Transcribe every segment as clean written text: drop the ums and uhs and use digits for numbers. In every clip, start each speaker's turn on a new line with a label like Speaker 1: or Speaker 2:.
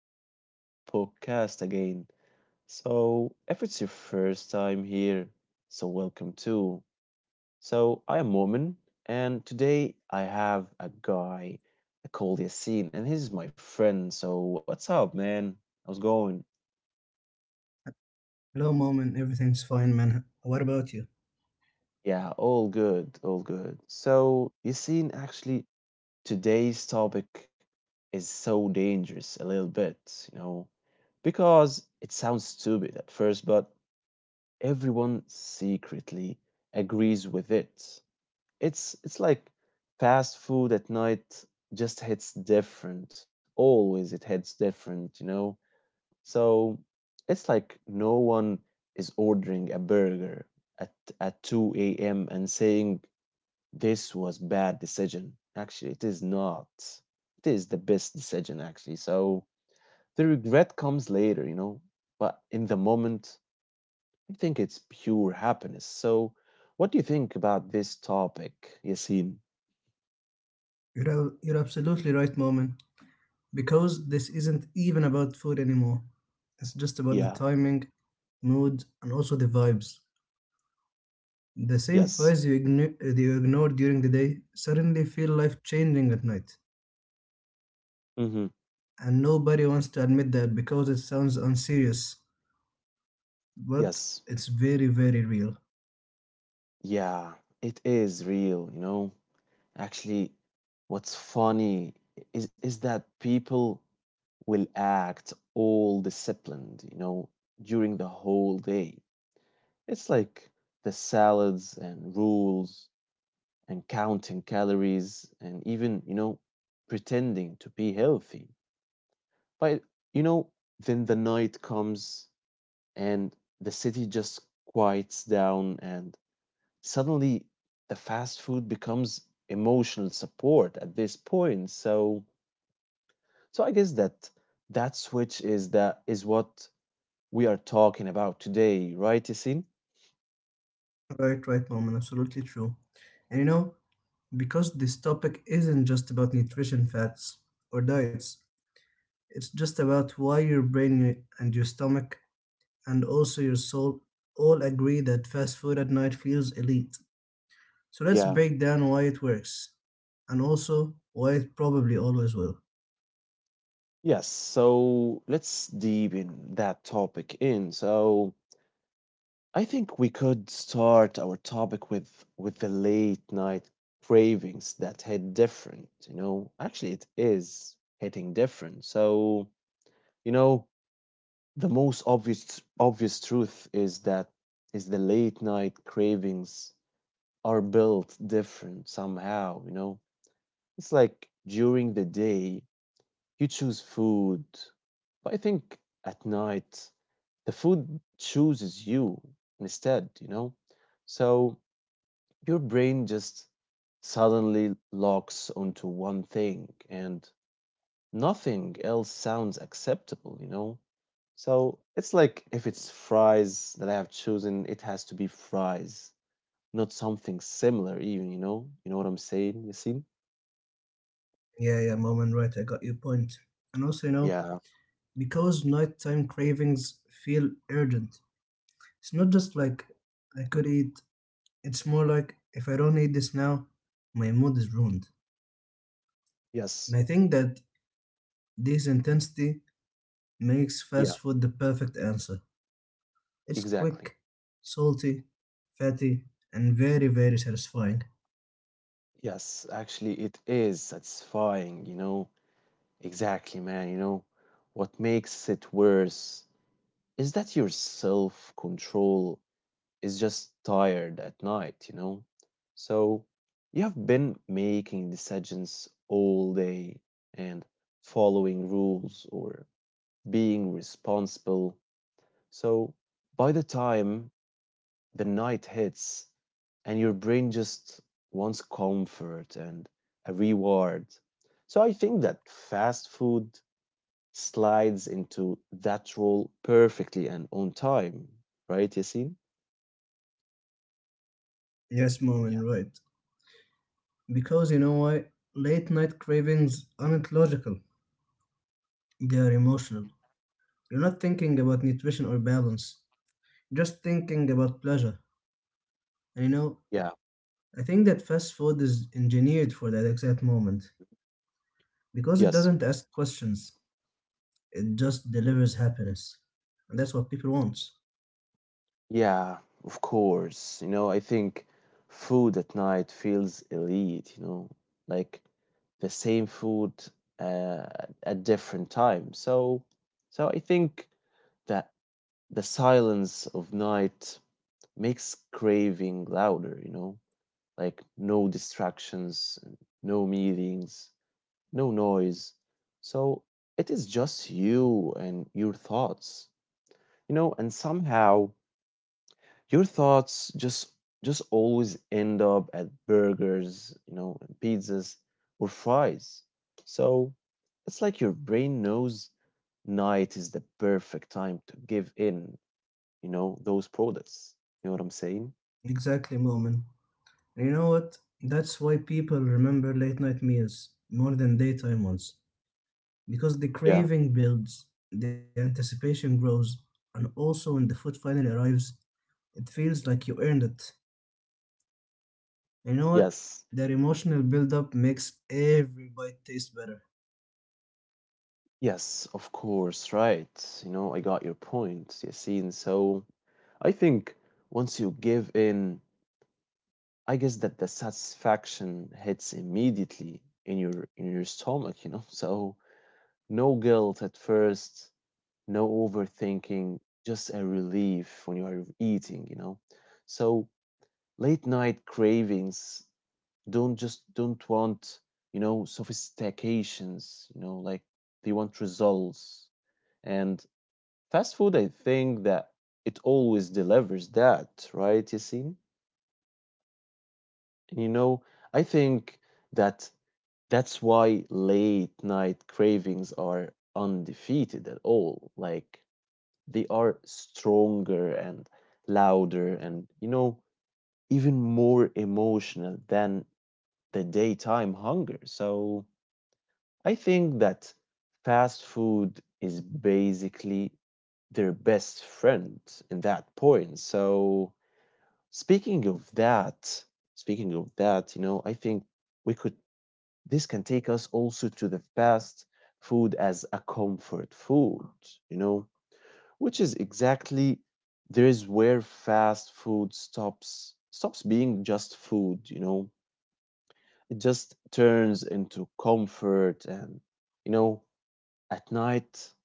Speaker 1: welcome back to the podcast again. So, if it's your first time here, so welcome too. So, I am Momin, and today I have a guy called Yasin, and he's my friend. So, what's up, man? How's it going?
Speaker 2: Hello, Moment. Everything's fine, man. What about you?
Speaker 1: Yeah, all good, all good. So, Yasin, actually, today's topic is so dangerous a little bit, you know, because it sounds stupid at first, but everyone secretly agrees with it. It's like fast food at night just hits different. Always it hits different, you know? So it's like no one is ordering a burger at at 2 a.m. and saying this was bad decision. Actually, it is not. It is the best decision actually. So the regret comes later, you know, but in the moment I think it's pure happiness. So, what do you think about this topic, Yasin?
Speaker 2: You're absolutely right, Moment. Because this isn't even about food anymore. It's just about the
Speaker 1: Yeah,
Speaker 2: timing, mood, and also the vibes. The same
Speaker 1: yes.
Speaker 2: fries you ignore during the day suddenly feel life changing at night.
Speaker 1: Mm-hmm.
Speaker 2: And nobody wants to admit that because it sounds unserious. But
Speaker 1: Yes.
Speaker 2: it's very, very real.
Speaker 1: Yeah, it is real, you know. Actually, what's funny is that people will act all disciplined, you know, during the whole day. It's like the salads and rules and counting calories and even, you know, pretending to be healthy. But you know, then the night comes and the city just quiets down, and suddenly the fast food becomes emotional support at this point. So, I guess that switch is that is what we are talking about today, right, Yasin?
Speaker 2: Right, right, Moment. Absolutely true. And you know, because this topic isn't just about nutrition facts or diets. It's just about why your brain and your stomach and also your soul all agree that fast food at night feels elite. So let's
Speaker 1: Yeah.
Speaker 2: break down why it works and also why it probably always will.
Speaker 1: Yes. So let's deep in that topic in. So I think we could start our topic with the late night cravings that hit different, you know. Actually, it is hitting different. So, you know, the most obvious truth is that is the late night cravings are built different somehow, you know. It's like during the day you choose food, but I think at night the food chooses you instead, you know. So, your brain just suddenly locks onto one thing and nothing else sounds acceptable, you know? So it's like if it's fries that I have chosen, it has to be fries, not something similar, even, you know? You know what I'm saying, Yassine?
Speaker 2: Yeah, yeah, mom and right, I got your point. And also, you know,
Speaker 1: Yeah,
Speaker 2: because nighttime cravings feel urgent. It's not just like I could eat, it's more like if I don't eat this now, my mood is ruined. And
Speaker 1: yes,
Speaker 2: I think that this intensity makes
Speaker 1: yeah,
Speaker 2: fast food the perfect answer. It's
Speaker 1: exactly.
Speaker 2: quick, salty, fatty, and very, very satisfying.
Speaker 1: Yes, actually, it is satisfying, you know? Exactly, man, you know? What makes it worse is that your self control is just tired at night, you know? So you have been making decisions all day and following rules or being responsible. So by the time the night hits and your brain just wants comfort and a reward. So I think that fast food slides into that role perfectly and on time, right, Yasin?
Speaker 2: Yes, mom,
Speaker 1: Yeah.
Speaker 2: and right. Because you know why? Late night cravings aren't logical, they are emotional. You're not thinking about nutrition or balance, just thinking about pleasure. And you know,
Speaker 1: Yeah.
Speaker 2: I think that fast food is engineered for that exact moment because it
Speaker 1: Yes.
Speaker 2: doesn't ask questions, it just delivers happiness. And that's what people want.
Speaker 1: Yeah, of course. You know, I think food at night feels elite, you know, like the same food uh, at different times. So, I think that the silence of night makes craving louder, you know, like no distractions, no meetings, no noise. So it is just you and your thoughts, you know, and somehow your thoughts just always end up at burgers, you know, and pizzas or fries. So it's like your brain knows night is the perfect time to give in, you know, those products. You know what I'm saying?
Speaker 2: Exactly, Moment. And you know what? That's why people remember late night meals more than daytime ones. Because the
Speaker 1: Yeah.
Speaker 2: craving builds, the anticipation grows, and also when the food finally arrives, it feels like you earned it. And you know what?
Speaker 1: Yes.
Speaker 2: That emotional build up makes every bite taste better.
Speaker 1: Yes, of course, right. You know, I got your point, Yassine. So I think once you give in, I guess that the satisfaction hits immediately in your stomach, you know. So no guilt at first, no overthinking, just a relief when you are eating, you know. So late night cravings don't just don't want, you know, sophistications, you know, like they want results. And fast food, I think that it always delivers that, right, Yasin? And you know, I think that that's why late night cravings are undefeated at all. Like they are stronger and louder and you know even more emotional than the daytime hunger. So I think that fast food is basically their best friend in that point. So speaking of that speaking of that, you know, I think we could, this can take us also to the fast food as a comfort food, you know, which is exactly there is where fast food stops being just food, you know. It just turns into comfort and you know, at night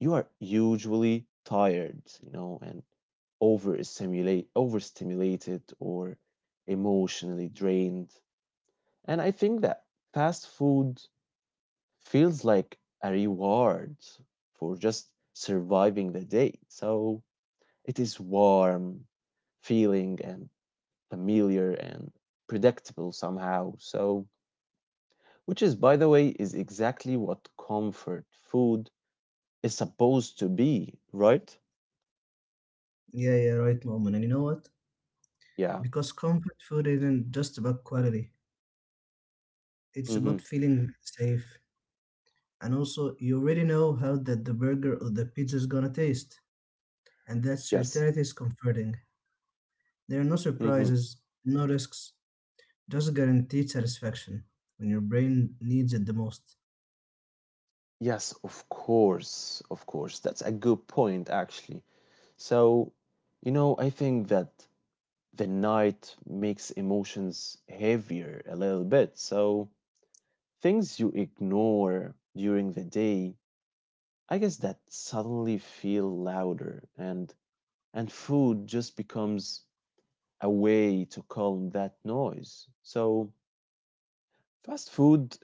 Speaker 1: you are usually tired, you know, and overstimulated or emotionally drained. And I think that fast food feels like a reward for just surviving the day. So it is warm, feeling, and familiar and predictable somehow. So, which is, by the way, is exactly what comfort food is supposed to be, right?
Speaker 2: Yeah, yeah, right, Moment. And you know what?
Speaker 1: Yeah.
Speaker 2: Because comfort food isn't just about quality, it's
Speaker 1: Mm-hmm.
Speaker 2: about feeling safe. And also, you already know how that the burger or the pizza is gonna taste, and that
Speaker 1: Yes.
Speaker 2: certainty is comforting. There are no
Speaker 1: Mm-hmm.
Speaker 2: surprises, no risks, just guaranteed satisfaction when your brain needs it the most.
Speaker 1: Yes, of course. Of course. That's a good point, actually. So, you know, I think that the night makes emotions heavier a little bit. So, things you ignore during the day I guess that suddenly feel louder and food just becomes a way to calm that noise. So fast food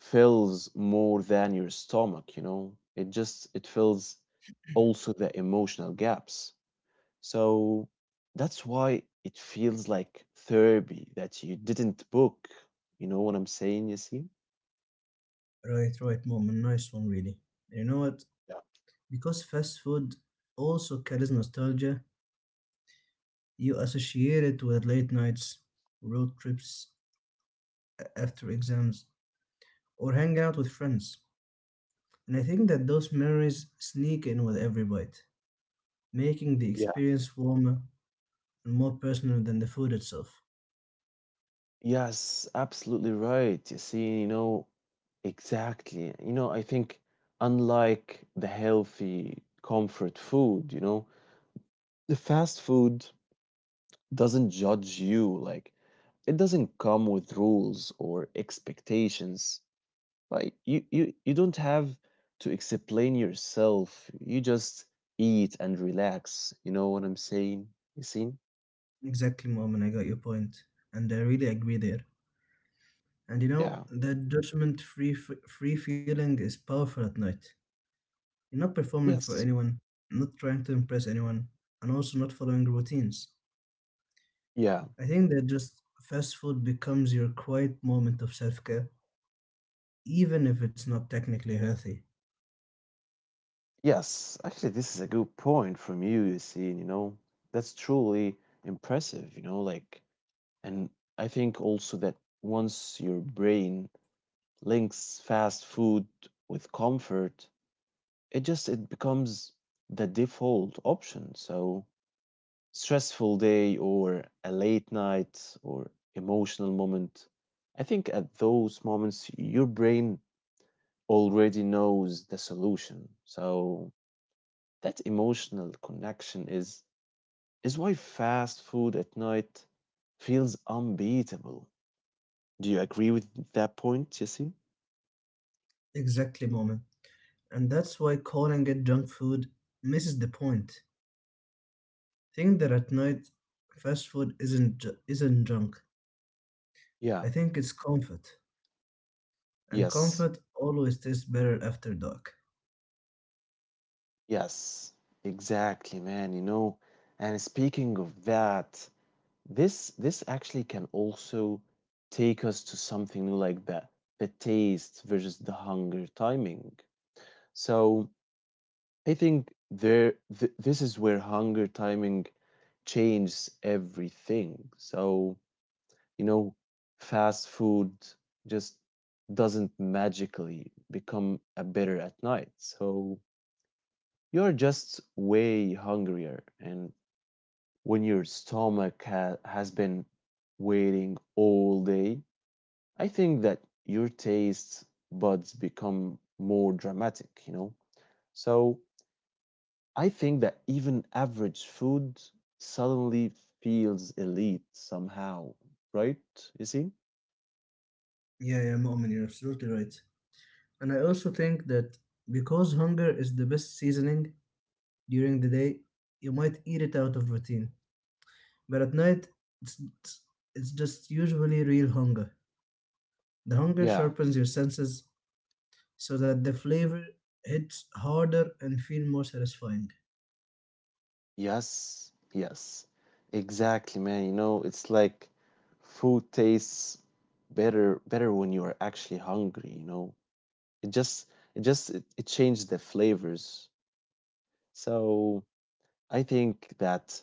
Speaker 1: fills more than your stomach, you know. It just it fills also the emotional gaps. So that's why it feels like therapy that you didn't book. You know what I'm saying, Yasin?
Speaker 2: Right, right, mom, a nice one, really. You know what? Because fast food also carries nostalgia, you associate it with late nights, road trips after exams, or hang out with friends. And I think that those memories sneak in with every bite, making the
Speaker 1: Yeah.
Speaker 2: experience warmer and more personal than the food itself.
Speaker 1: Yes, absolutely right. You see, you know, exactly. You know, I think unlike the healthy comfort food, you know, the fast food doesn't judge you. Like, it doesn't come with rules or expectations. Like, you don't have to explain yourself. You just eat and relax. You know what I'm saying? You see?
Speaker 2: Exactly, Mom, and I got your point, and I really agree there. And you know,
Speaker 1: Yeah.
Speaker 2: that free feeling is powerful at night. You're not performing for
Speaker 1: Yes.
Speaker 2: anyone, not trying to impress anyone, and also not following routines.
Speaker 1: Yeah.
Speaker 2: I think that just fast food becomes your quiet moment of self-care, even if it's not technically healthy.
Speaker 1: Yes, actually, this is a good point from you, you see, you know, that's truly impressive, you know, like, and I think also that once your brain links fast food with comfort, it just it becomes the default option. So, stressful day or a late night or emotional moment, I think at those moments your brain already knows the solution. So, that emotional connection is why fast food at night feels unbeatable. Do you agree with that point, Yasin?
Speaker 2: Exactly, Mom, and that's why calling it junk food misses the point. Think that at night, fast food isn't junk.
Speaker 1: Yeah.
Speaker 2: I think it's comfort, and
Speaker 1: Yes.
Speaker 2: comfort always tastes better after dark.
Speaker 1: Yes. Exactly, man. You know, and speaking of that, this actually can also take us to something like the taste versus the hunger timing. So I think this is where hunger timing changes everything. So, you know, fast food just doesn't magically become a better at night. So, you're just way hungrier and when your stomach has been waiting all day, I think that your taste buds become more dramatic, you know. So, I think that even average food suddenly feels elite somehow, right? You see?
Speaker 2: Yeah, yeah, Mu'min, you're absolutely right. And I also think that because hunger is the best seasoning during the day, you might eat it out of routine. But at night, it's it's just usually real hunger. The hunger
Speaker 1: Yeah,
Speaker 2: sharpens your senses so that the flavor hits harder and feel more satisfying.
Speaker 1: yes, yes, exactly, man. You know, it's like food tastes better when you are actually hungry, you know. It just it just it, it changes the flavors. So I think that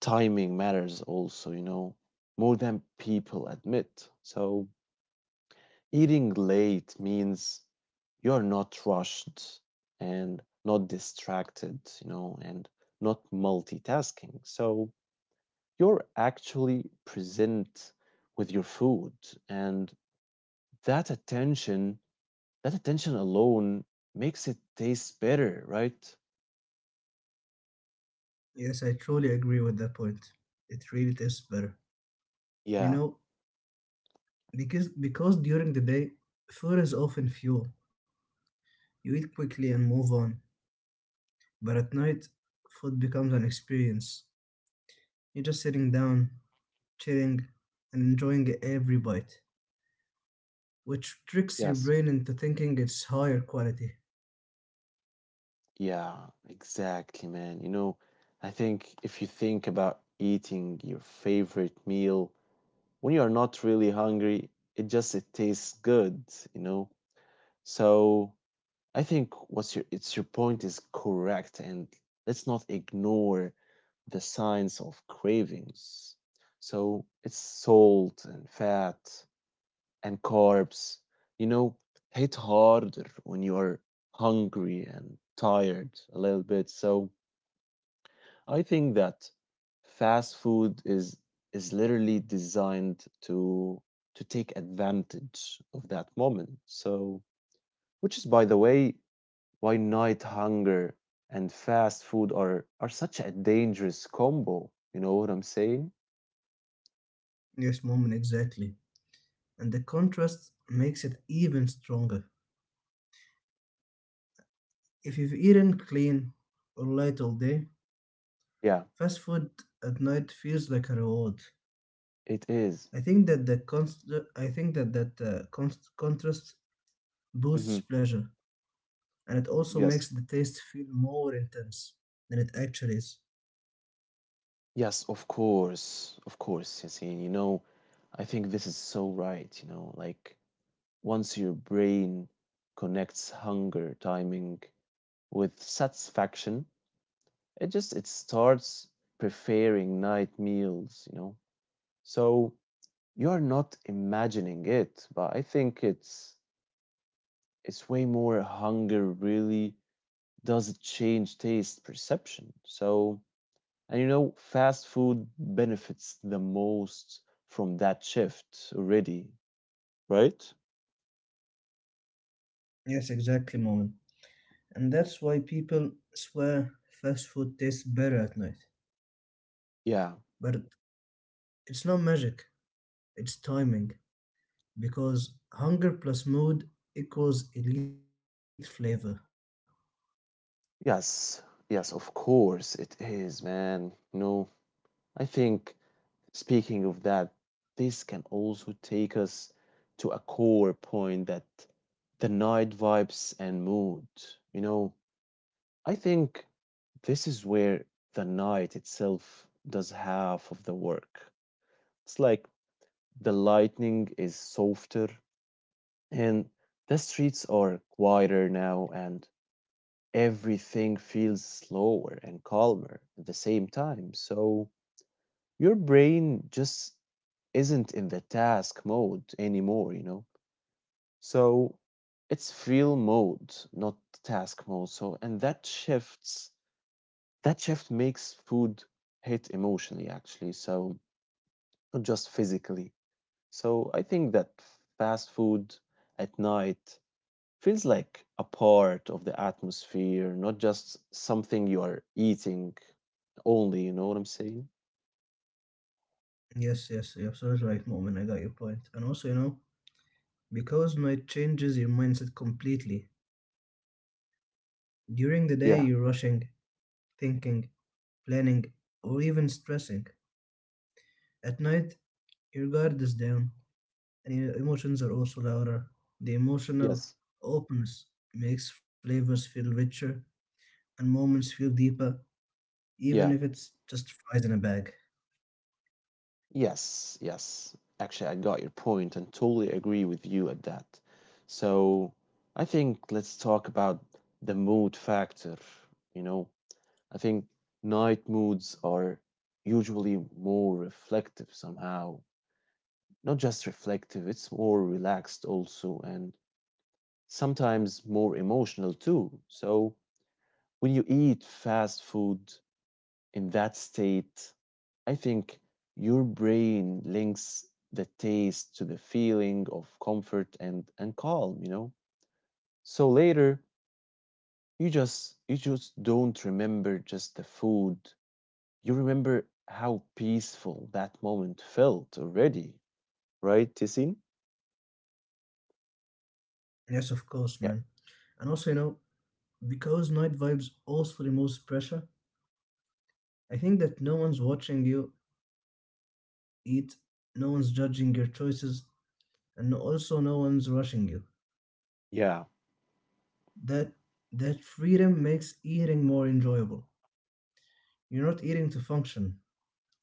Speaker 1: timing matters also, you know, more than people admit. So eating late means you're not rushed and not distracted, you know, and not multitasking. So you're actually present with your food and that attention, that attention alone makes it taste better, right?
Speaker 2: Yes, I truly agree with that point. It really tastes better. You
Speaker 1: Yeah.
Speaker 2: know, because during the day, food is often fuel. You eat quickly and move on. But at night, food becomes an experience. You're just sitting down, chilling, and enjoying every bite, which tricks your
Speaker 1: Yes.
Speaker 2: brain into thinking it's higher quality.
Speaker 1: Yeah, exactly, man. You know, I think if you think about eating your favorite meal, when you are not really hungry, it just it tastes good, you know. So I think what's your it's your point is correct, and let's not ignore the signs of cravings. So it's salt and fat and carbs. You know, hit harder when you are hungry and tired a little bit. So I think that fast food is literally designed to take advantage of that moment. So, which is by the way why night hunger and fast food are such a dangerous combo. You know what I'm saying?
Speaker 2: Yes, moment, exactly. And the contrast makes it even stronger. If you've eaten clean or light all day,
Speaker 1: Yeah,
Speaker 2: fast food at night feels like a reward.
Speaker 1: it is.
Speaker 2: I think that the const- I think that that contrast
Speaker 1: Mm-hmm.
Speaker 2: boosts pleasure and it also
Speaker 1: Yes.
Speaker 2: makes the taste feel more intense than it actually is.
Speaker 1: Yes, of course. Of course, Yasin. You know, I think this is so right, you know, like once your brain connects hunger timing with satisfaction. It just it starts preparing night meals, you know. So you're not imagining it, but I think it's way more hunger really does change taste perception. So and you know, fast food benefits the most from that shift already, right?
Speaker 2: Yes, exactly, moment. And that's why people swear fast food tastes better at night.
Speaker 1: Yeah.
Speaker 2: But it's not magic, it's timing. Because hunger plus mood equals elite flavor.
Speaker 1: Yes. Yes, of course it is, man. You know, I think speaking of that, this can also take us to a core point that the night vibes and mood. You know, I think this is where the night itself does half of the work. It's like the lightning is softer and the streets are quieter now and everything feels slower and calmer at the same time. So your brain just isn't in the task mode anymore, you know? So it's feel mode, not task mode. So, and that shift makes food hit emotionally, actually. So, not just physically. So, I think that fast food at night feels like a part of the atmosphere, not just something you are eating only, you know what I'm saying?
Speaker 2: Yes, yes, you're absolutely right, moment. I got your point. And also, you know, because night changes your mindset completely. During the day,
Speaker 1: Yeah.
Speaker 2: you're rushing, thinking, planning, or even stressing. At night, your guard is down, and your emotions are also louder. The emotional
Speaker 1: Yes.
Speaker 2: openness makes flavors feel richer and moments feel deeper, even
Speaker 1: Yeah.
Speaker 2: if it's just fries in a bag.
Speaker 1: Yes, yes. Actually, I got your point and totally agree with you at that. So, I think let's talk about the mood factor. You know, I think night moods are usually more reflective somehow. Not just reflective, it's more relaxed also, and sometimes more emotional too. So when you eat fast food in that state, I think your brain links the taste to the feeling of comfort and calm, you know? So later, you just don't remember just the food. You remember how peaceful that moment felt already, right, Tisin?
Speaker 2: Yes, of course, man.
Speaker 1: Yeah.
Speaker 2: And also, you know, because night vibes also removes pressure, I think that no one's watching you eat, no one's judging your choices, and no- also no one's rushing you.
Speaker 1: Yeah.
Speaker 2: That that freedom makes eating more enjoyable. You're not eating to function,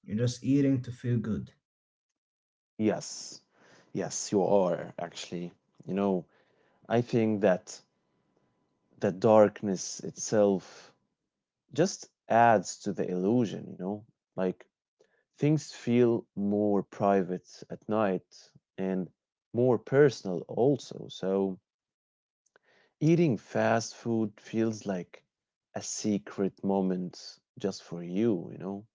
Speaker 2: you're just eating to feel good.
Speaker 1: Yes. Yes, you are actually. You know, I think that the darkness itself just adds to the illusion, you know? Like things feel more private at night and more personal also. So eating fast food feels like a secret moment just for you, you know?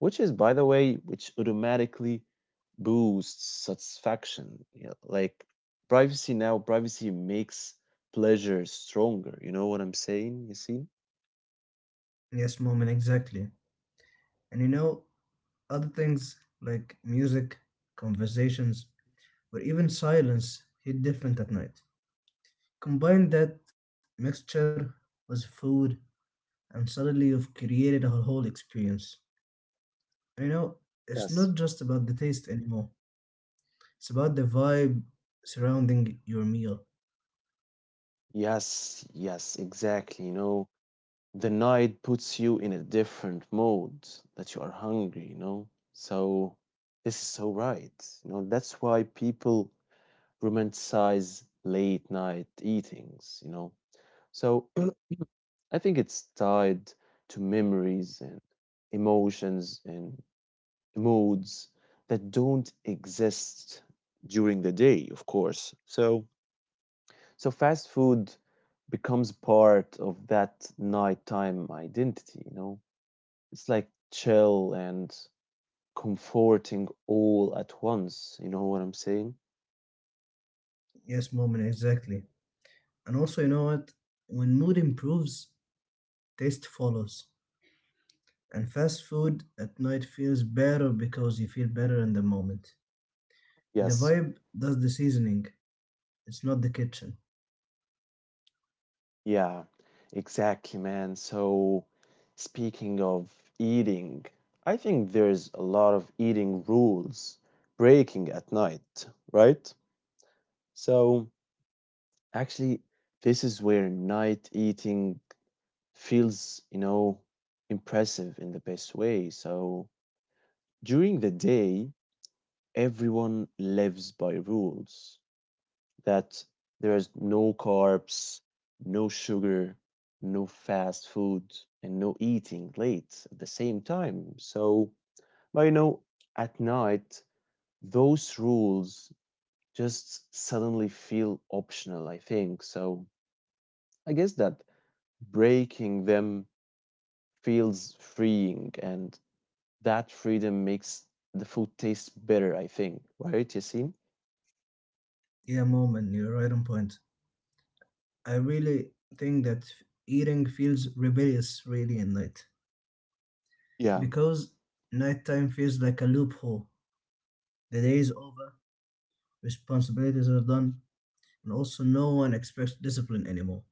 Speaker 1: Which is, by the way, which automatically boosts satisfaction. You know, like privacy now, privacy makes pleasure stronger. You know what I'm saying? You see?
Speaker 2: Yes, moment, exactly. And you know, other things like music, conversations, or even silence hit different at night. Combine that mixture with food, and suddenly you've created a whole experience. And you know, it's not
Speaker 1: Yes.
Speaker 2: just about the taste anymore, it's about the vibe surrounding your meal.
Speaker 1: Yes, yes, exactly. You know, the night puts you in a different mode that you are hungry, you know? So this is so right. You know, that's why people romanticize late night eatings, you know? So I think it's tied to memories and emotions and moods that don't exist during the day, of course. So so fast food becomes part of that nighttime identity, you know? It's like chill and comforting all at once. You know what I'm saying?
Speaker 2: Yes, moment, exactly. And also, you know what? When mood improves, taste follows. And fast food at night feels better because you feel better in the moment. The
Speaker 1: Yes.
Speaker 2: vibe does the seasoning, it's not the kitchen.
Speaker 1: Yeah, exactly, man. So, speaking of eating, I think there's a lot of eating rules breaking at night, right? So actually, this is where night eating feels, you know, impressive in the best way. So during the day, everyone lives by rules that there is no carbs, no sugar, no fast food, and no eating late at the same time. So but you know, at night, those rules just suddenly feel optional, I think. So I guess that breaking them feels freeing and that freedom makes the food taste better, I think, right, Yasin?
Speaker 2: Yeah, moment, you're right on point. I really think that eating feels rebellious really at night
Speaker 1: Yeah.
Speaker 2: because nighttime feels like a loophole. The day is over, responsibilities are done, and also no one expects discipline anymore.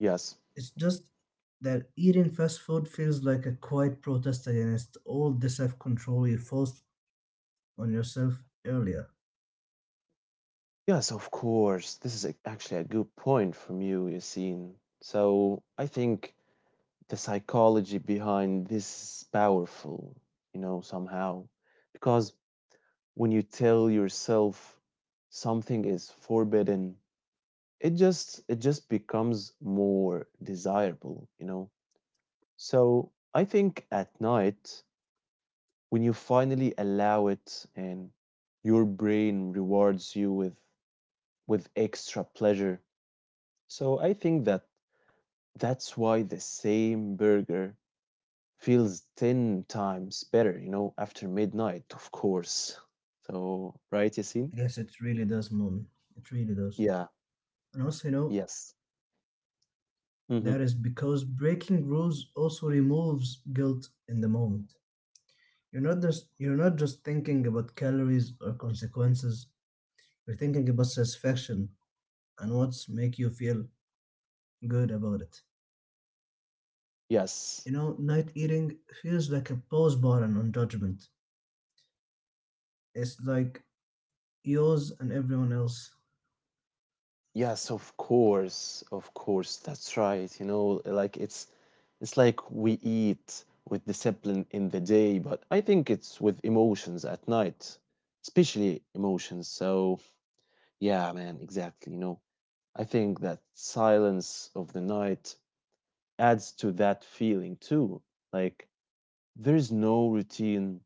Speaker 1: Yes,
Speaker 2: It's just that eating fast food feels like a quiet protest against all the self control you forced on yourself earlier.
Speaker 1: yes, of course, this is a, actually a good point from you, Yasin. So I think the psychology behind this is powerful, you know, somehow, because when you tell yourself something is forbidden, it just becomes more desirable, you know. So I think at night, when you finally allow it and your brain rewards you with extra pleasure. So I think that that's why the same burger feels 10 times better, you know, after midnight, of course. So, right, Yasin?
Speaker 2: Yes, it really does, Mom. It really does.
Speaker 1: Yeah,
Speaker 2: And also, you know,
Speaker 1: yes. Hmm.
Speaker 2: that is because breaking rules also removes guilt in the moment. You're not just thinking about calories or consequences. You're thinking about satisfaction and what's make you feel good about it.
Speaker 1: Yes.
Speaker 2: You know, night eating feels like a pause button on judgment. It's like yours and everyone else.
Speaker 1: Yes, of course, of course. That's right. You know, like it's like we eat with discipline in the day, but I think it's with emotions at night, especially emotions. So, yeah, man, exactly. You know, I think that silence of the night adds to that feeling too. Like there's no routine,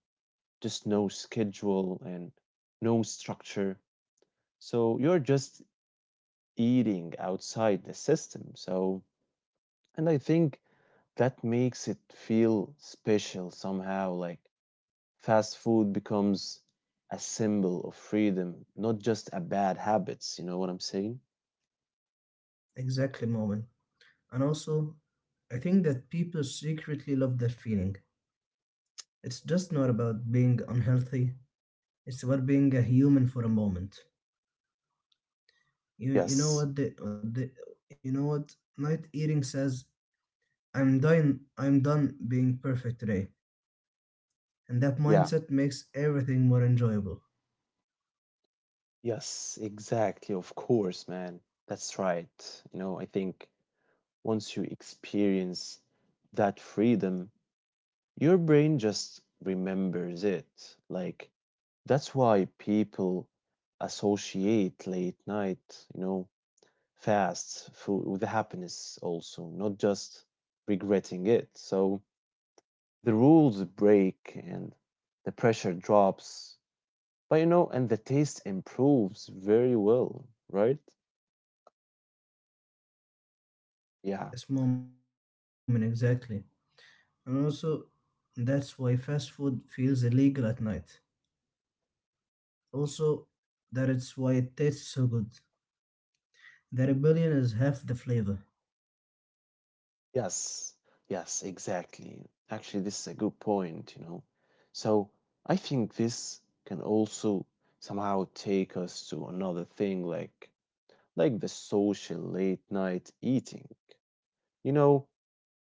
Speaker 1: just no schedule and no structure. So you're just eating outside the system. So and I think that makes it feel special somehow. Like fast food becomes a symbol of freedom, not just a bad habits. You know what I'm saying?
Speaker 2: Exactly, moment. And also, I think that people secretly love that feeling. It's just not about being unhealthy. It's about being a human for a moment. You you
Speaker 1: Yes.
Speaker 2: know what the, the you know what night eating says. I'm done. I'm done being perfect today, and that
Speaker 1: Yeah.
Speaker 2: mindset makes everything more enjoyable.
Speaker 1: Yes, exactly. Of course, man. That's right. You know, I think once you experience that freedom, your brain just remembers it. Like that's why people associate late night, you know, fast food with happiness also, not just regretting it. So the rules break and the pressure drops. But you know, and the taste improves very well, right? Yeah.
Speaker 2: Yes, moment exactly. And also, that's why fast food feels illegal at night. Also, that it's why it tastes so good. The rebellion is half the flavor.
Speaker 1: Yes. Yes, exactly. Actually, this is a good point, you know. So I think this can also somehow take us to another thing like the social late night eating. You know,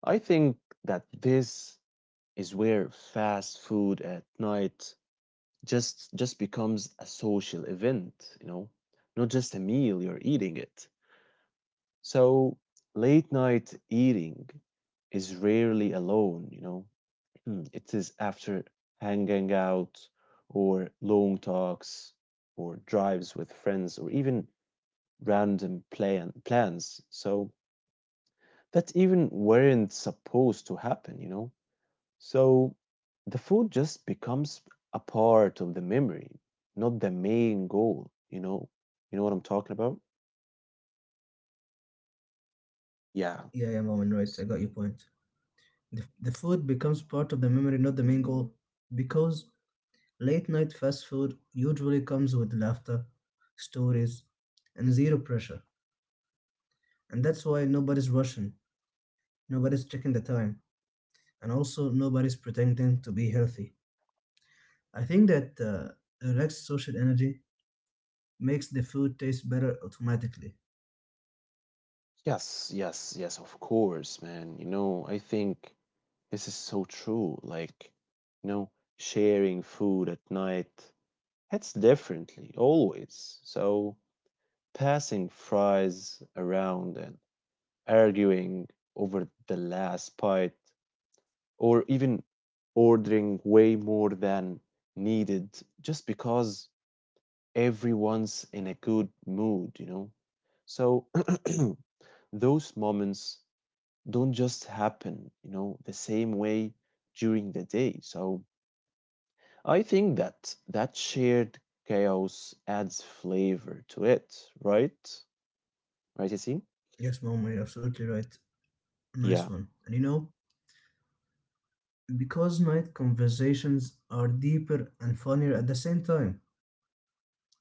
Speaker 1: I think that this is where fast food at night just becomes a social event, you know, not just a meal, you're eating it. So late night eating is rarely alone, you know. Hmm, it is after hanging out or long talks or drives with friends or even random plans. So that even weren't supposed to happen, you know. So the food just becomes a part of the memory, not the main goal, you know? You know what I'm talking about? Yeah.
Speaker 2: Yeah, yeah,
Speaker 1: S-
Speaker 2: Mom, and right. I got your point. The food becomes part of the memory, not the main goal. Because late night fast food usually comes with laughter, stories, and zero pressure. And that's why nobody's rushing, nobody's checking the time, and also nobody's pretending to be healthy. I think that relaxed social energy makes the food taste better automatically.
Speaker 1: Yes, yes, yes, of course, man. You know, I think this is so true. Like, you know, sharing food at night hits differently, always. So passing fries around and arguing over the last bite or even ordering way more than needed just because everyone's in a good mood, you know? So those moments don't just happen, you know, the same way during the day. So I think that that shared chaos adds flavor to it, right? Right, Yassine?
Speaker 2: Yes, Mom, you're absolutely right.
Speaker 1: Yeah.
Speaker 2: Nice one. And you know, because night conversations are deeper and funnier at the same time,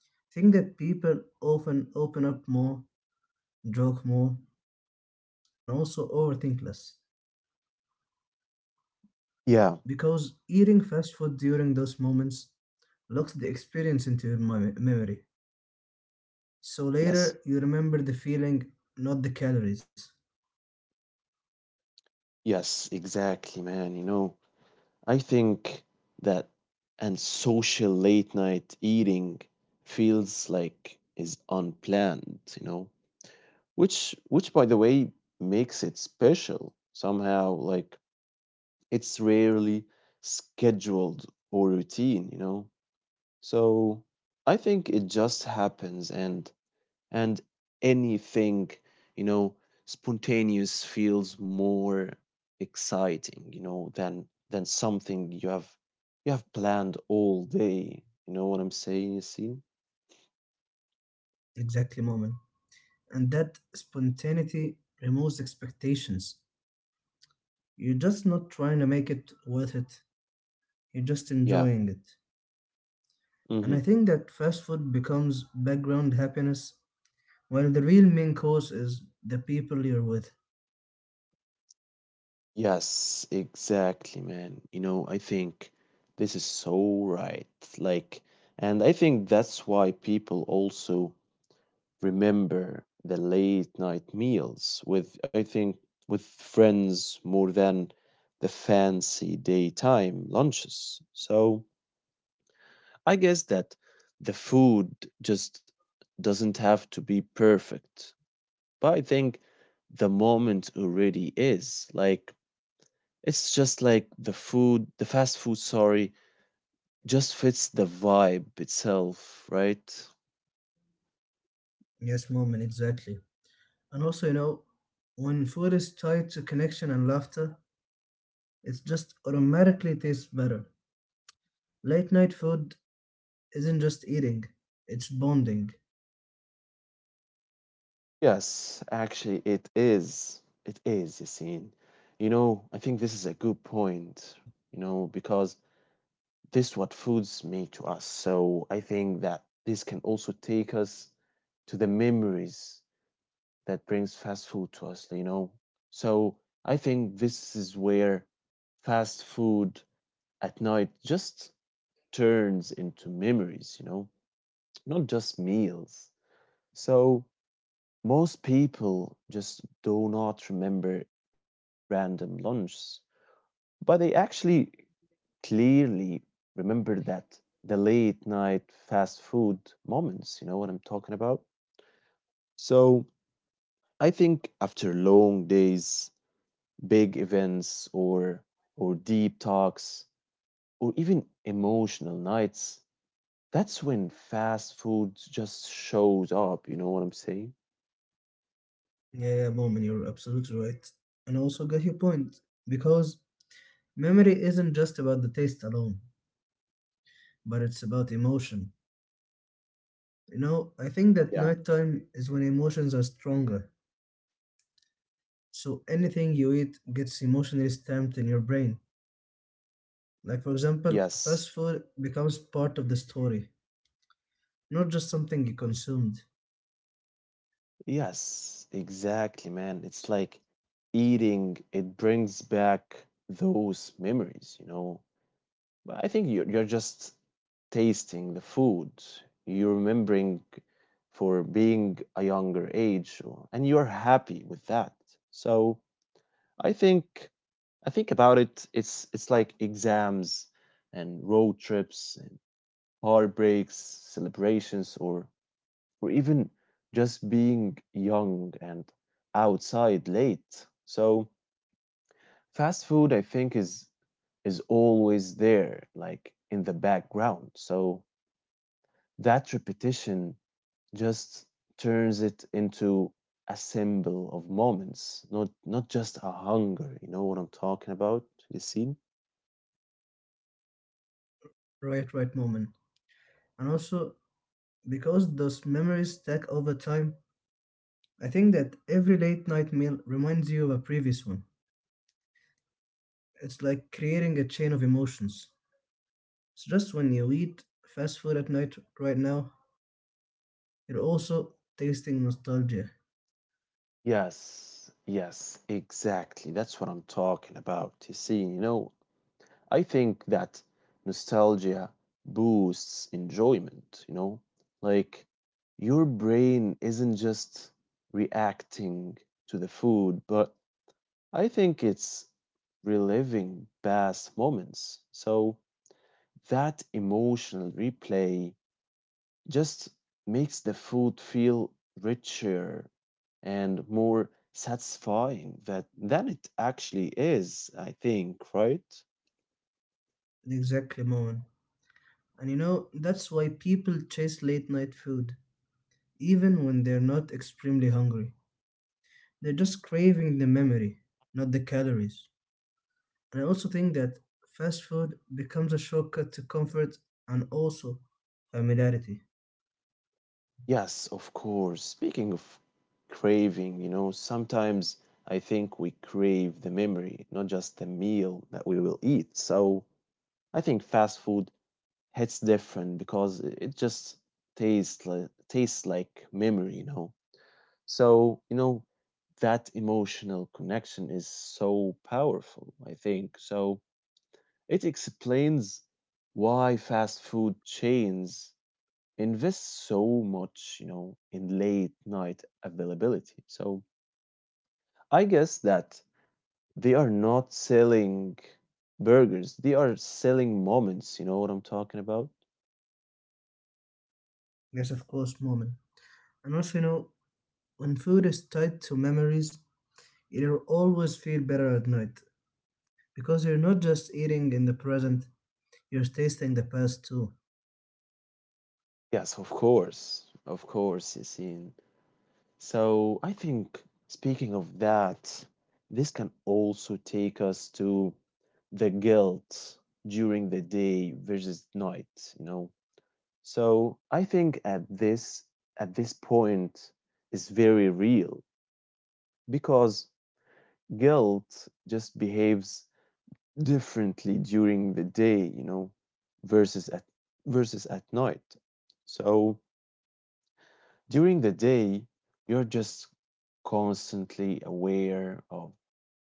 Speaker 2: I think that people often open up more, joke more, and also overthink less.
Speaker 1: Yeah.
Speaker 2: Because eating fast food during those moments locks the experience into your memory. So
Speaker 1: Yes.
Speaker 2: later, you remember the feeling, not the calories.
Speaker 1: Yes, exactly, man. You know, I think that and social late night eating feels like is unplanned, you know, which by the way makes it special somehow. Like it's rarely scheduled or routine, you know. So I think it just happens, and and anything you know, spontaneous feels more exciting, you know, than something you have planned all day. You know what I'm saying? You see?
Speaker 2: Exactly, Mom, and that spontaneity removes expectations. You're just not trying to make it worth it, you're just
Speaker 1: Yeah.
Speaker 2: enjoying it. And I
Speaker 1: Hmm.
Speaker 2: think that fast food becomes background happiness, while the real main cause is the people you're with.
Speaker 1: Yes, exactly, man. You know, I think this is so right. Like and I think that's why people also remember the late night meals with, I think, with friends more than the fancy daytime lunches. So I guess that the food just doesn't have to be perfect. But I think the moment already is like it's just like the food, the fast food, sorry, just fits the vibe itself, right?
Speaker 2: Yes, moment, exactly. And also, you know, when food is tied to connection and laughter, it just automatically tastes better. Late night food isn't just eating, it's bonding.
Speaker 1: Yes, actually, it is. It is, Yassine. You know, I think this is a good point, you know, because this is what foods make to us. So I think that this can also take us to the memories that brings fast food to us, you know. So I think this is where fast food at night just turns into memories, you know, not just meals. So most people just do not remember random lunches, but they actually clearly remember that the late night fast food moments, you know what I'm talking about? So I think after long days, big events or deep talks or even emotional nights, that's when fast food just shows up, you know what I'm saying?
Speaker 2: Yeah, yeah, Moment, you're absolutely right. And I also get your point, because memory isn't just about the taste alone, but it's about emotion. You know, I think that
Speaker 1: Yeah.
Speaker 2: nighttime is when emotions are stronger. So anything you eat gets emotionally stamped in your brain. Like, for example,
Speaker 1: Yes.
Speaker 2: fast food becomes part of the story, not just something you consumed.
Speaker 1: Yes, exactly, man. It's like eating, it brings back those memories, you know. But I think you're just tasting the food, you're remembering for being a younger age, or- and you're happy with that. So I think I think about it, it's like exams and road trips and heartbreaks, celebrations, or even just being young and outside late. So fast food, I think, is always there, like in the background. So that repetition just turns it into a symbol of moments, not just a hunger. You know what I'm talking about, Yassine?
Speaker 2: Right, right, Moment. And also, because those memories stack over time, I think that every late night meal reminds you of a previous one. It's like creating a chain of emotions. It's just when you eat fast food at night right now, you're also tasting nostalgia,
Speaker 1: Yes, yes, exactly. That's what I'm talking about, Yassine. You know, I think that nostalgia boosts enjoyment, you know? Like your brain isn't just reacting to the food, but I think it's reliving past moments. So that emotional replay just makes the food feel richer and more satisfying that than it actually is, I think, right?
Speaker 2: at the exact moment. And you know, that's why people chase late night food, even when they're not extremely hungry. They're just craving the memory, not the calories. And I also think that fast food becomes a shortcut to comfort and also familiarity.
Speaker 1: Yes, of course. Speaking of craving, you know, sometimes I think we crave the memory, not just the meal that we will eat. So I think fast food hits different because I- it just tastes like memory, you know. So, you know, that emotional connection is so powerful, I think. So it explains why fast food chains invest so much, you know, in late night availability. So I guess that they are not selling burgers, they are selling moments. You know what I'm talking about?
Speaker 2: Yes, of course, moment. And also, you know, when food is tied to memories, you'll always feel better at night because you're not just eating in the present, you're tasting the past too.
Speaker 1: Yes, of course. Of course, Yasin. So I think, speaking of that, this can also take us to the guilt during the day versus night, you know? So I think at this point is very real because guilt just behaves differently during the day, you know, versus at versus at night. So during the day, you're just constantly aware of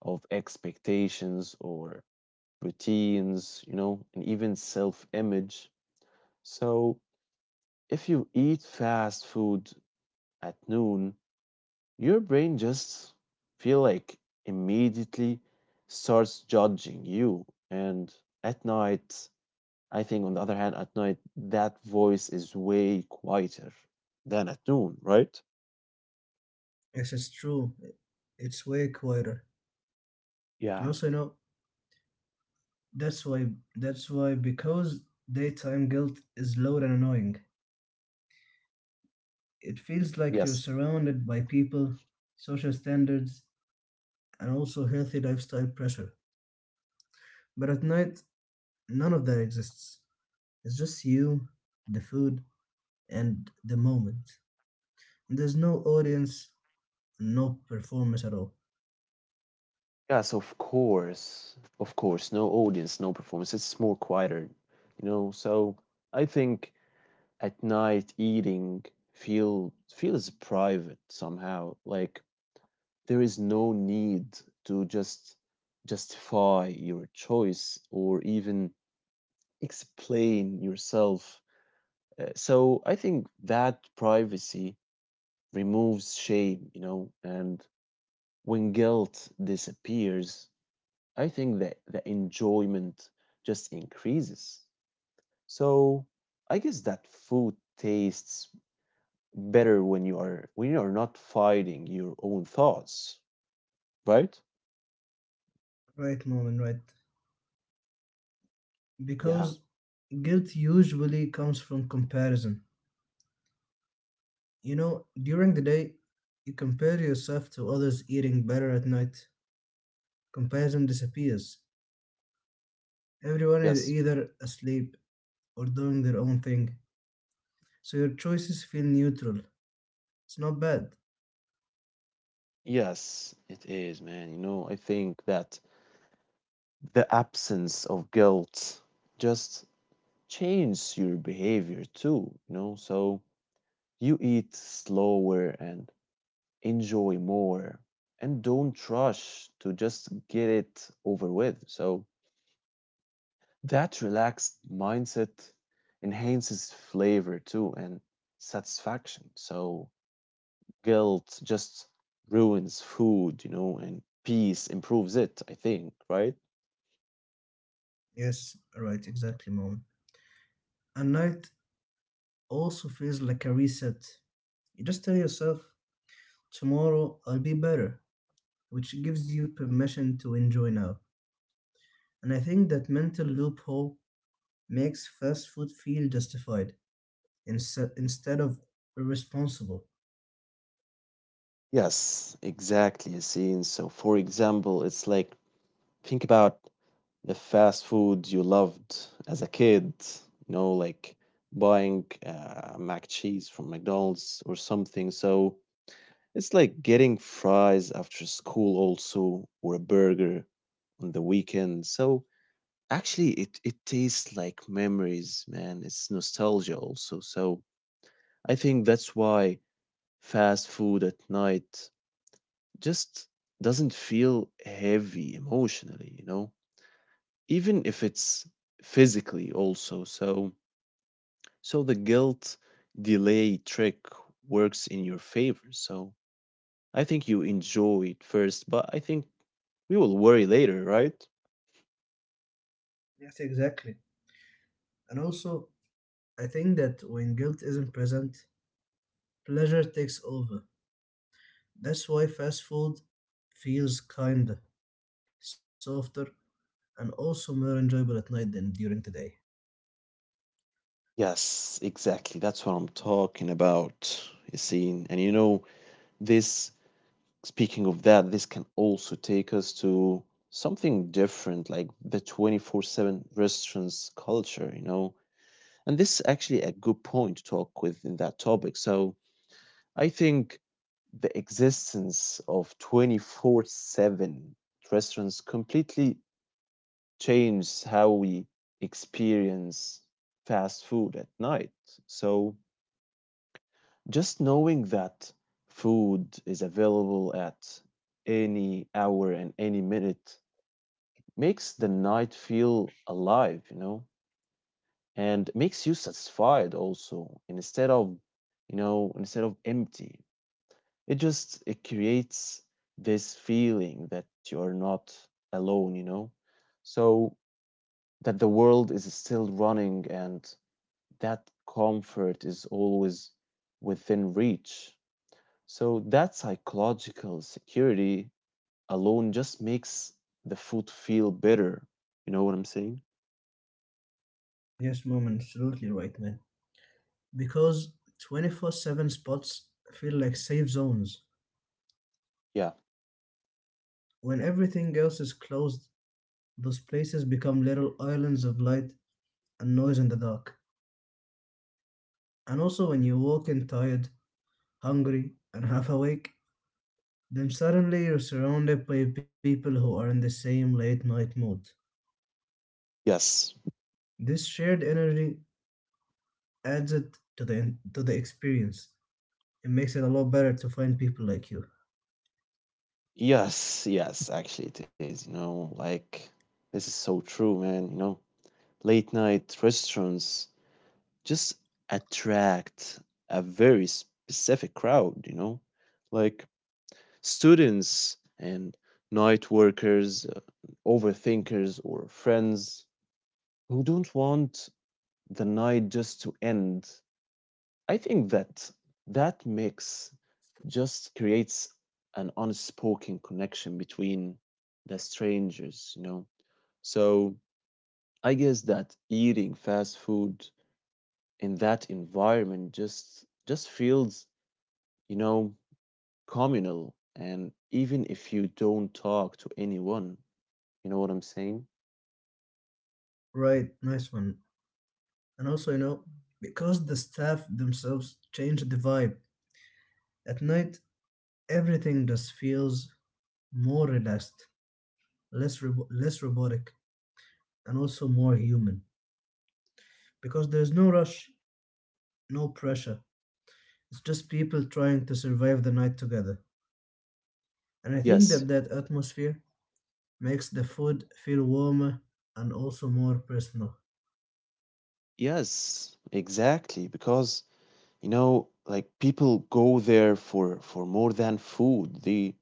Speaker 1: expectations or routines, you know, and even self-image. So if you eat fast food at noon, your brain just feel like immediately starts judging you, and at night, I think, on the other hand, at night that voice is way quieter than at noon, right?
Speaker 2: Yes, it's true. It's way quieter. And
Speaker 1: Yeah.
Speaker 2: also, you know, that's why that's why because daytime guilt is loud and annoying. It feels like you're
Speaker 1: Yes,
Speaker 2: surrounded by people, social standards, and also healthy lifestyle pressure. But at night, none of that exists. It's just you, the food, and the moment. And there's no audience, no performance at all.
Speaker 1: yes, of course, of course, no audience, no performance, it's more quieter, you know. So I think at night eating feels private somehow. Like there is no need to just justify your choice or even explain yourself. So I think that privacy removes shame, you know, and when guilt disappears, I think that the enjoyment just increases. So I guess that food tastes better when you are not fighting your own thoughts, right?
Speaker 2: Right, moment, right.
Speaker 1: Yeah.
Speaker 2: Because guilt usually comes from comparison. You know, during the day, you compare yourself to others eating better at night. Comparison disappears. Everyone is
Speaker 1: Yes.
Speaker 2: either asleep or doing their own thing. So your choices feel neutral. It's not bad.
Speaker 1: Yes, it is, man. You know, I think that the absence of guilt just changes your behavior too, you know? So you eat slower and enjoy more and don't rush to just get it over with. So that relaxed mindset enhances flavor too and satisfaction. So guilt just ruins food, you know, and peace improves it, I think, right?
Speaker 2: Yes, right, exactly, mom. And night also feels like a reset. You just tell yourself, tomorrow I'll be better, which gives you permission to enjoy now. And I think that mental loophole makes fast food feel justified instead of irresponsible.
Speaker 1: Yes, exactly, Yasin. So, for example, it's like think about the fast food you loved as a kid, you know, like buying mac cheese from McDonald's or something. So, it's like getting fries after school also or a burger on the weekend. So, actually it tastes like memories, man. It's nostalgia also. So, I think that's why fast food at night just doesn't feel heavy emotionally, you know, even if it's physically also. So the guilt delay trick works in your favor. So, I think you enjoy it first, but I think we will worry later, right?
Speaker 2: Yes, exactly. And also, I think that when guilt isn't present, pleasure takes over. That's why fast food feels kinder, softer, and also more enjoyable at night than during the day.
Speaker 1: Yes, exactly. That's what I'm talking about, Yassine. And you know, this speaking of that, this can also take us to something different, like the 24/7 restaurants culture, you know. And this is actually a good point to talk with in that topic. So I think the existence of 24/7 restaurants completely changes how we experience fast food at night. So just knowing that food is available at any hour and any minute makes the night feel alive, you know, and makes you satisfied also instead of, you know, instead of empty. It just it creates this feeling that you are not alone, you know. So that the world is still running and that comfort is always within reach. So that psychological security alone just makes the food feel better. You know what I'm saying?
Speaker 2: Yes, mom, absolutely right, man. Because 24/7 spots feel like safe zones.
Speaker 1: Yeah.
Speaker 2: When everything else is closed, those places become little islands of light and noise in the dark. And also, when you walk in tired, hungry, and half awake, then suddenly you're surrounded by people who are in the same late night mood.
Speaker 1: Yes.
Speaker 2: This shared energy adds it to the experience. It makes it a lot better to find people like you.
Speaker 1: Yes, yes, actually it is, you know, like this is so true, man, you know. Late night restaurants just attract a very specific crowd, you know, like students and night workers, overthinkers or friends who don't want the night just to end. I think that that mix just creates an unspoken connection between the strangers, you know. So I guess that eating fast food in that environment just feels, you know, communal and even if you don't talk to anyone, you know what I'm saying?
Speaker 2: Right, nice one. And also, you know, because the staff themselves change the vibe at night, everything just feels more relaxed, less robotic, and also more human because there's no rush, no pressure. It's just people trying to survive the night together. And I think
Speaker 1: Yes.
Speaker 2: that that atmosphere makes the food feel warmer and also more personal.
Speaker 1: Yes, exactly because you know like people go there for more than food. They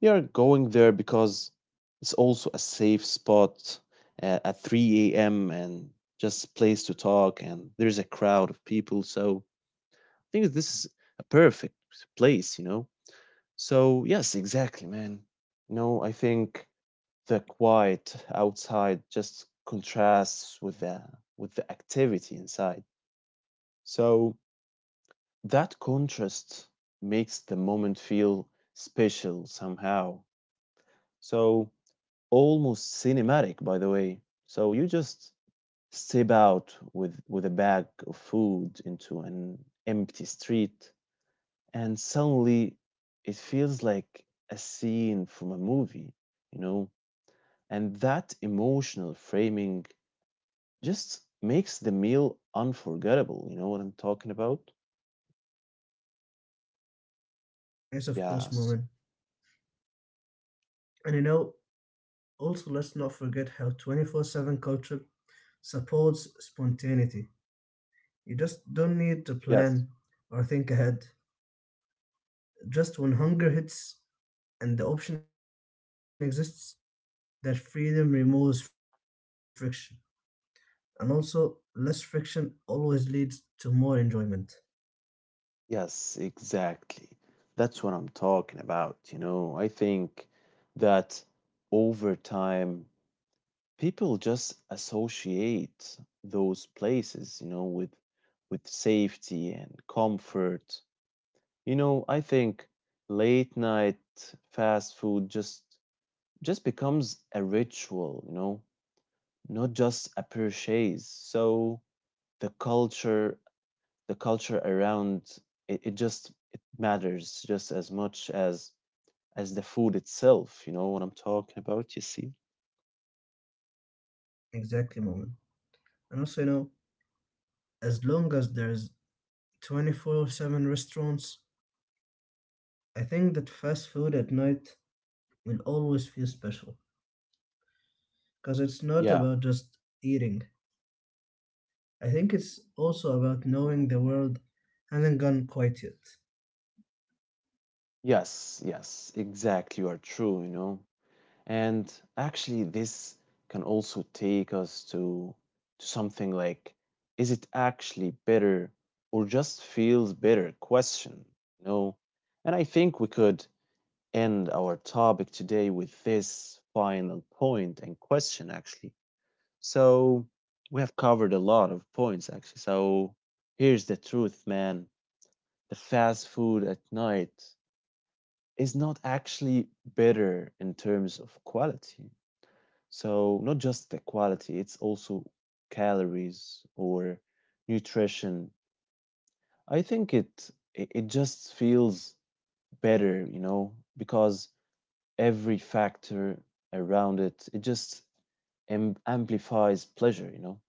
Speaker 1: We are going there because it's also a safe spot at 3 a.m. and just a place to talk, and there's a crowd of people. So I think this is a perfect place, you know. So yes, exactly, man. You know, I think the quiet outside just contrasts with the activity inside. So that contrast makes the moment feel special somehow. So almost cinematic, by the way. So you just step out with a bag of food into an empty street, and suddenly it feels like a scene from a movie, you know? And that emotional framing just makes the meal unforgettable. You know what I'm talking about?
Speaker 2: Yes, of course, moment.
Speaker 1: Yes,
Speaker 2: And you know, also let's not forget how 24/7 culture supports spontaneity. You just don't need to
Speaker 1: yes,
Speaker 2: plan or think ahead. Just when hunger hits and the option exists, that freedom removes friction. And also, less friction always leads to more enjoyment.
Speaker 1: yes, exactly. That's what I'm talking about. You know, I think that over time, people just associate those places, you know, with safety and comfort. You know, I think late night fast food just becomes a ritual, you know, not just a purchase. So the culture the culture around it, it just it matters just as much as the food itself. You know what I'm talking about? You see?
Speaker 2: Exactly, moment. And also, you know, as long as there's 24/7 restaurants, I think that fast food at night will always feel special because it's not
Speaker 1: Yeah.
Speaker 2: about just eating. I think it's also about knowing the world hasn't gone quite yet.
Speaker 1: Yes. Yes, exactly, you are true, you know. And actually, this can also take us to something like, is it actually better or just feels better question, you know? And I think we could end our topic today with this final point and question, actually. So, we have covered a lot of points, actually. So, here's the truth, man, the fast food at night is not actually better in terms of quality. So not just the quality, it's also calories or nutrition. I think it just feels better, you know, because every factor around it just amplifies pleasure, you know.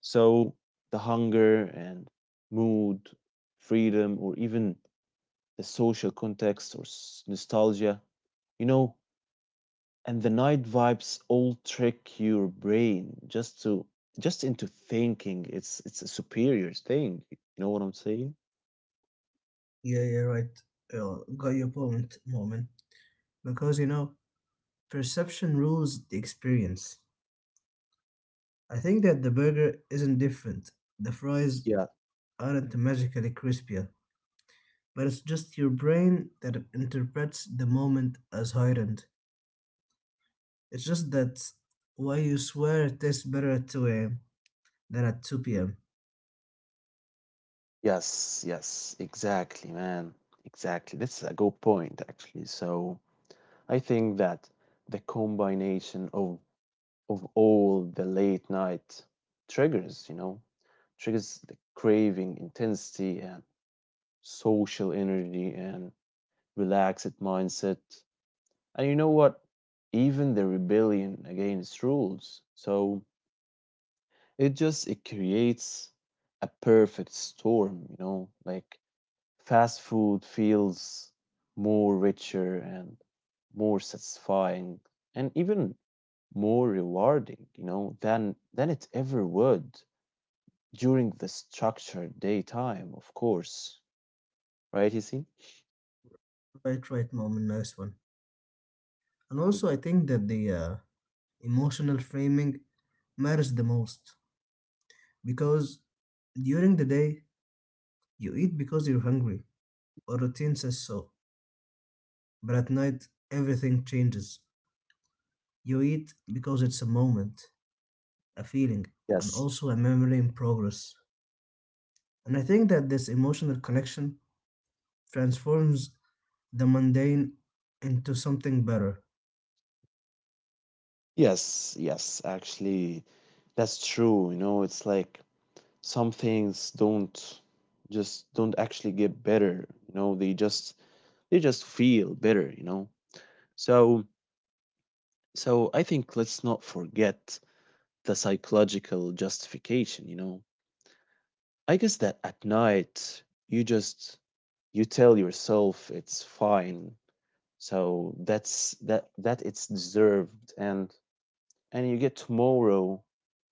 Speaker 1: So the hunger and mood, freedom, or even the social context or nostalgia, you know, and the night vibes all trick your brain just to just into thinking it's a superior thing. You know what I'm saying?
Speaker 2: Yeah, yeah, right. Yeah, got your point, moment. Because you know, perception rules the experience. I think that the burger isn't different. The fries
Speaker 1: Yeah.
Speaker 2: aren't magically crispier, but it's just your brain that interprets the moment as heightened. It's just that why you swear it tastes better at 2 a.m. than at 2 p.m.
Speaker 1: Yes. Yes. Exactly, man. Exactly. That's a good point, actually. So I think that the combination of all the late night triggers, you know, triggers the craving, intensity, and social energy and relaxed mindset. And you know what? Even the rebellion against rules. So it just it creates a perfect storm, you know, like fast food feels more richer and more satisfying and even more rewarding, you know, than it ever would during the structured daytime, of course. Right, you see?
Speaker 2: Right, right, moment, nice one. And
Speaker 1: Thank
Speaker 2: also, I
Speaker 1: you.
Speaker 2: think that the emotional framing matters the most because during the day you eat because you're hungry, or routine says so. But at night, everything changes. You eat because it's a moment, a feeling, and
Speaker 1: Yes.
Speaker 2: also a memory in progress. And I think that this emotional connection transforms the mundane into something better.
Speaker 1: Yes, yes, actually that's true. You know, it's like some things don't just don't actually get better, you know, they just feel better, you know. So so I think let's not forget the psychological justification, you know. I guess that at night you just you tell yourself it's fine, so that it's deserved and you get tomorrow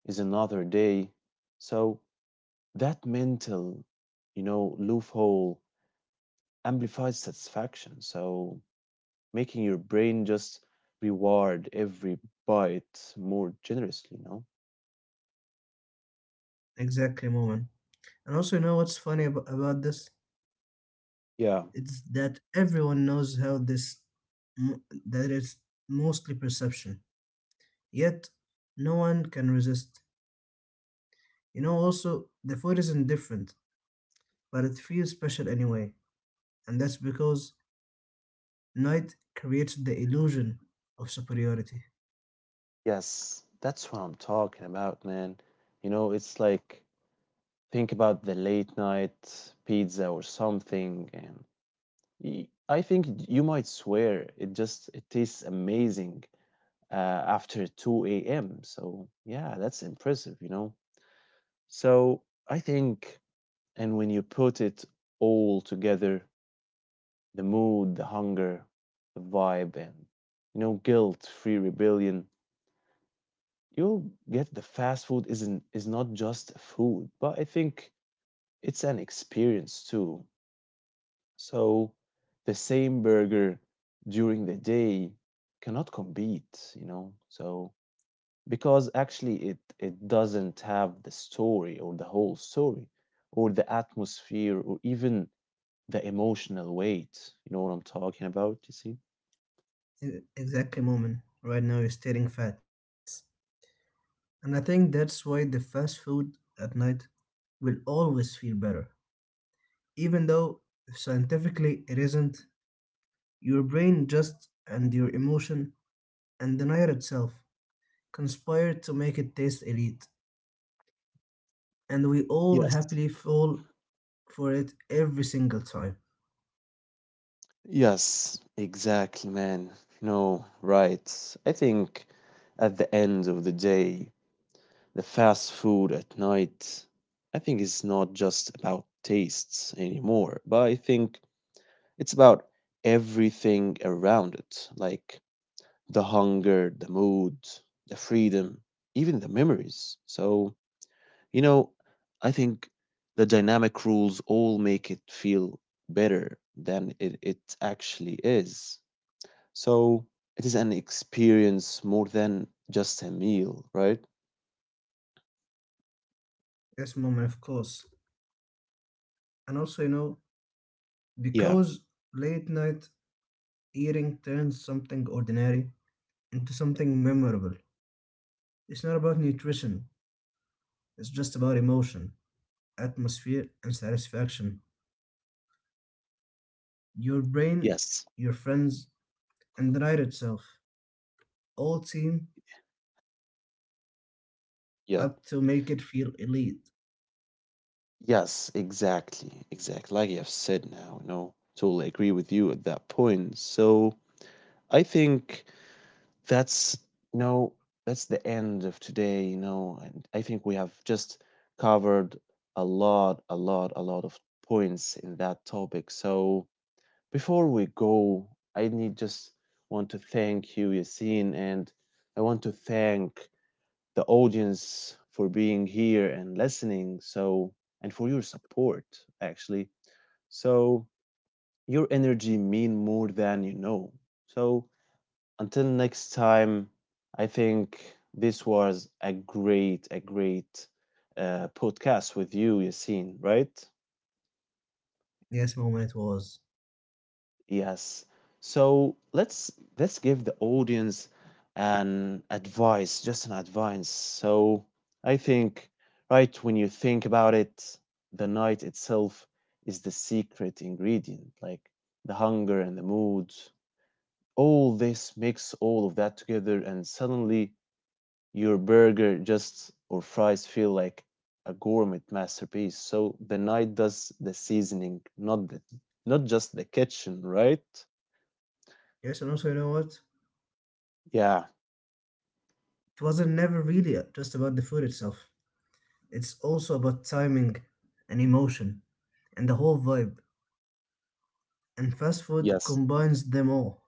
Speaker 1: is another day. So that mental, you know, loophole amplifies satisfaction. So making your brain just reward every bite more generously, you know?
Speaker 2: Exactly, moment. And also, you know what's funny about this?
Speaker 1: Yeah.
Speaker 2: It's that everyone knows how mo- that it's mostly perception. Yet, no one can resist. You know, also, the food is indifferent, but it feels special anyway. And that's because night creates the illusion of superiority.
Speaker 1: Yes, that's what I'm talking about, man. You know, it's like think about the late night pizza or something, and I think you might swear it just it tastes amazing after 2 a.m. So yeah, that's impressive, you know. So I think, and when you put it all together, the mood, the hunger, the vibe, and you know, guilt-free rebellion, you'll get the fast food isn't is not just food, but I think it's an experience too. So the same burger during the day cannot compete, you know. So because actually it doesn't have the story or the whole story or the atmosphere or even the emotional weight. You know what I'm talking about? You see?
Speaker 2: Exactly, moment. Right now, you're stating facts. And I think that's why the fast food at night will always feel better. Even though scientifically it isn't, your brain just and your emotion and the night itself conspire to make it taste elite. And we all
Speaker 1: Yes.
Speaker 2: happily fall for it every single time.
Speaker 1: Yes, exactly, man. No, right. I think at the end of the day, the fast food at night, I think it's not just about tastes anymore, but I think it's about everything around it, like the hunger, the mood, the freedom, even the memories. So, you know, I think the dynamic rules all make it feel better than it actually is. So, it is an experience more than just a meal, right?
Speaker 2: Yes, moment, of course. And also, you know,
Speaker 1: Yeah.
Speaker 2: because late night eating turns something ordinary into something memorable. It's not about nutrition, it's just about emotion, atmosphere, and satisfaction. Your brain,
Speaker 1: Yes.
Speaker 2: your friends, and the night itself all team
Speaker 1: Yeah.
Speaker 2: up to make it feel elite.
Speaker 1: Yes, exactly. Exactly. Like you have said now, you know, totally agree with you at that point. So I think that's no, that's the end of today, you know, and I think we have just covered a lot of points in that topic. So before we go, I need just want to thank you, Yassine, and I want to thank the audience for being here and listening. So and for your support, actually. So your energy mean more than you know. So until next time, I think this was a great podcast with you, Yassine, right?
Speaker 2: Yes, moment it was.
Speaker 1: Yes. So let's give the audience an advice, just an advice. So I think, right, when you think about it, the night itself is the secret ingredient, like the hunger and the mood. All this mix all of that together, and suddenly your burger just or fries feel like a gourmet masterpiece. So the night does the seasoning, not the not just the kitchen, right?
Speaker 2: Yes, and also, you know what?
Speaker 1: Yeah.
Speaker 2: It wasn't never really just about the food itself, it's also about timing and emotion and the whole vibe. And fast food
Speaker 1: Yes.
Speaker 2: combines them all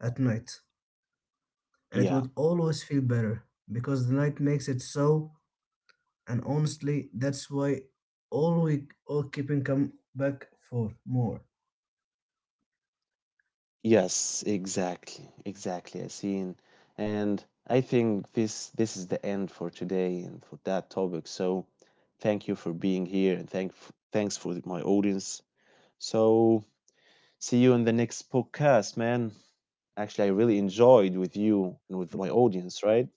Speaker 2: at night, and it
Speaker 1: Yeah.
Speaker 2: would always feel better because the night makes it so. And honestly, that's why all we all keeping come back for more.
Speaker 1: Yes, exactly. Exactly, I Yasin. And I think this is the end for today and for that topic. So thank you for being here and thanks for my audience. So see you in the next podcast, man. Actually I really enjoyed with you and with my audience, right?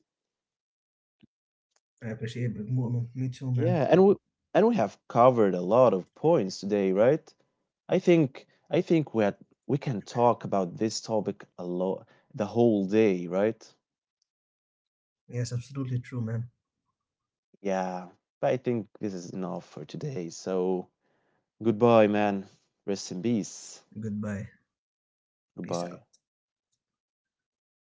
Speaker 2: I appreciate it more, man. Me too, man.
Speaker 1: Yeah, and we have covered a lot of points today, right? I think we had, we can talk about this topic a lot the whole day, right?
Speaker 2: Yes, absolutely true, man.
Speaker 1: Yeah, but I think this is enough for today. So goodbye, man. Rest in peace.
Speaker 2: Goodbye. Peace
Speaker 1: Goodbye.
Speaker 2: out. Bye.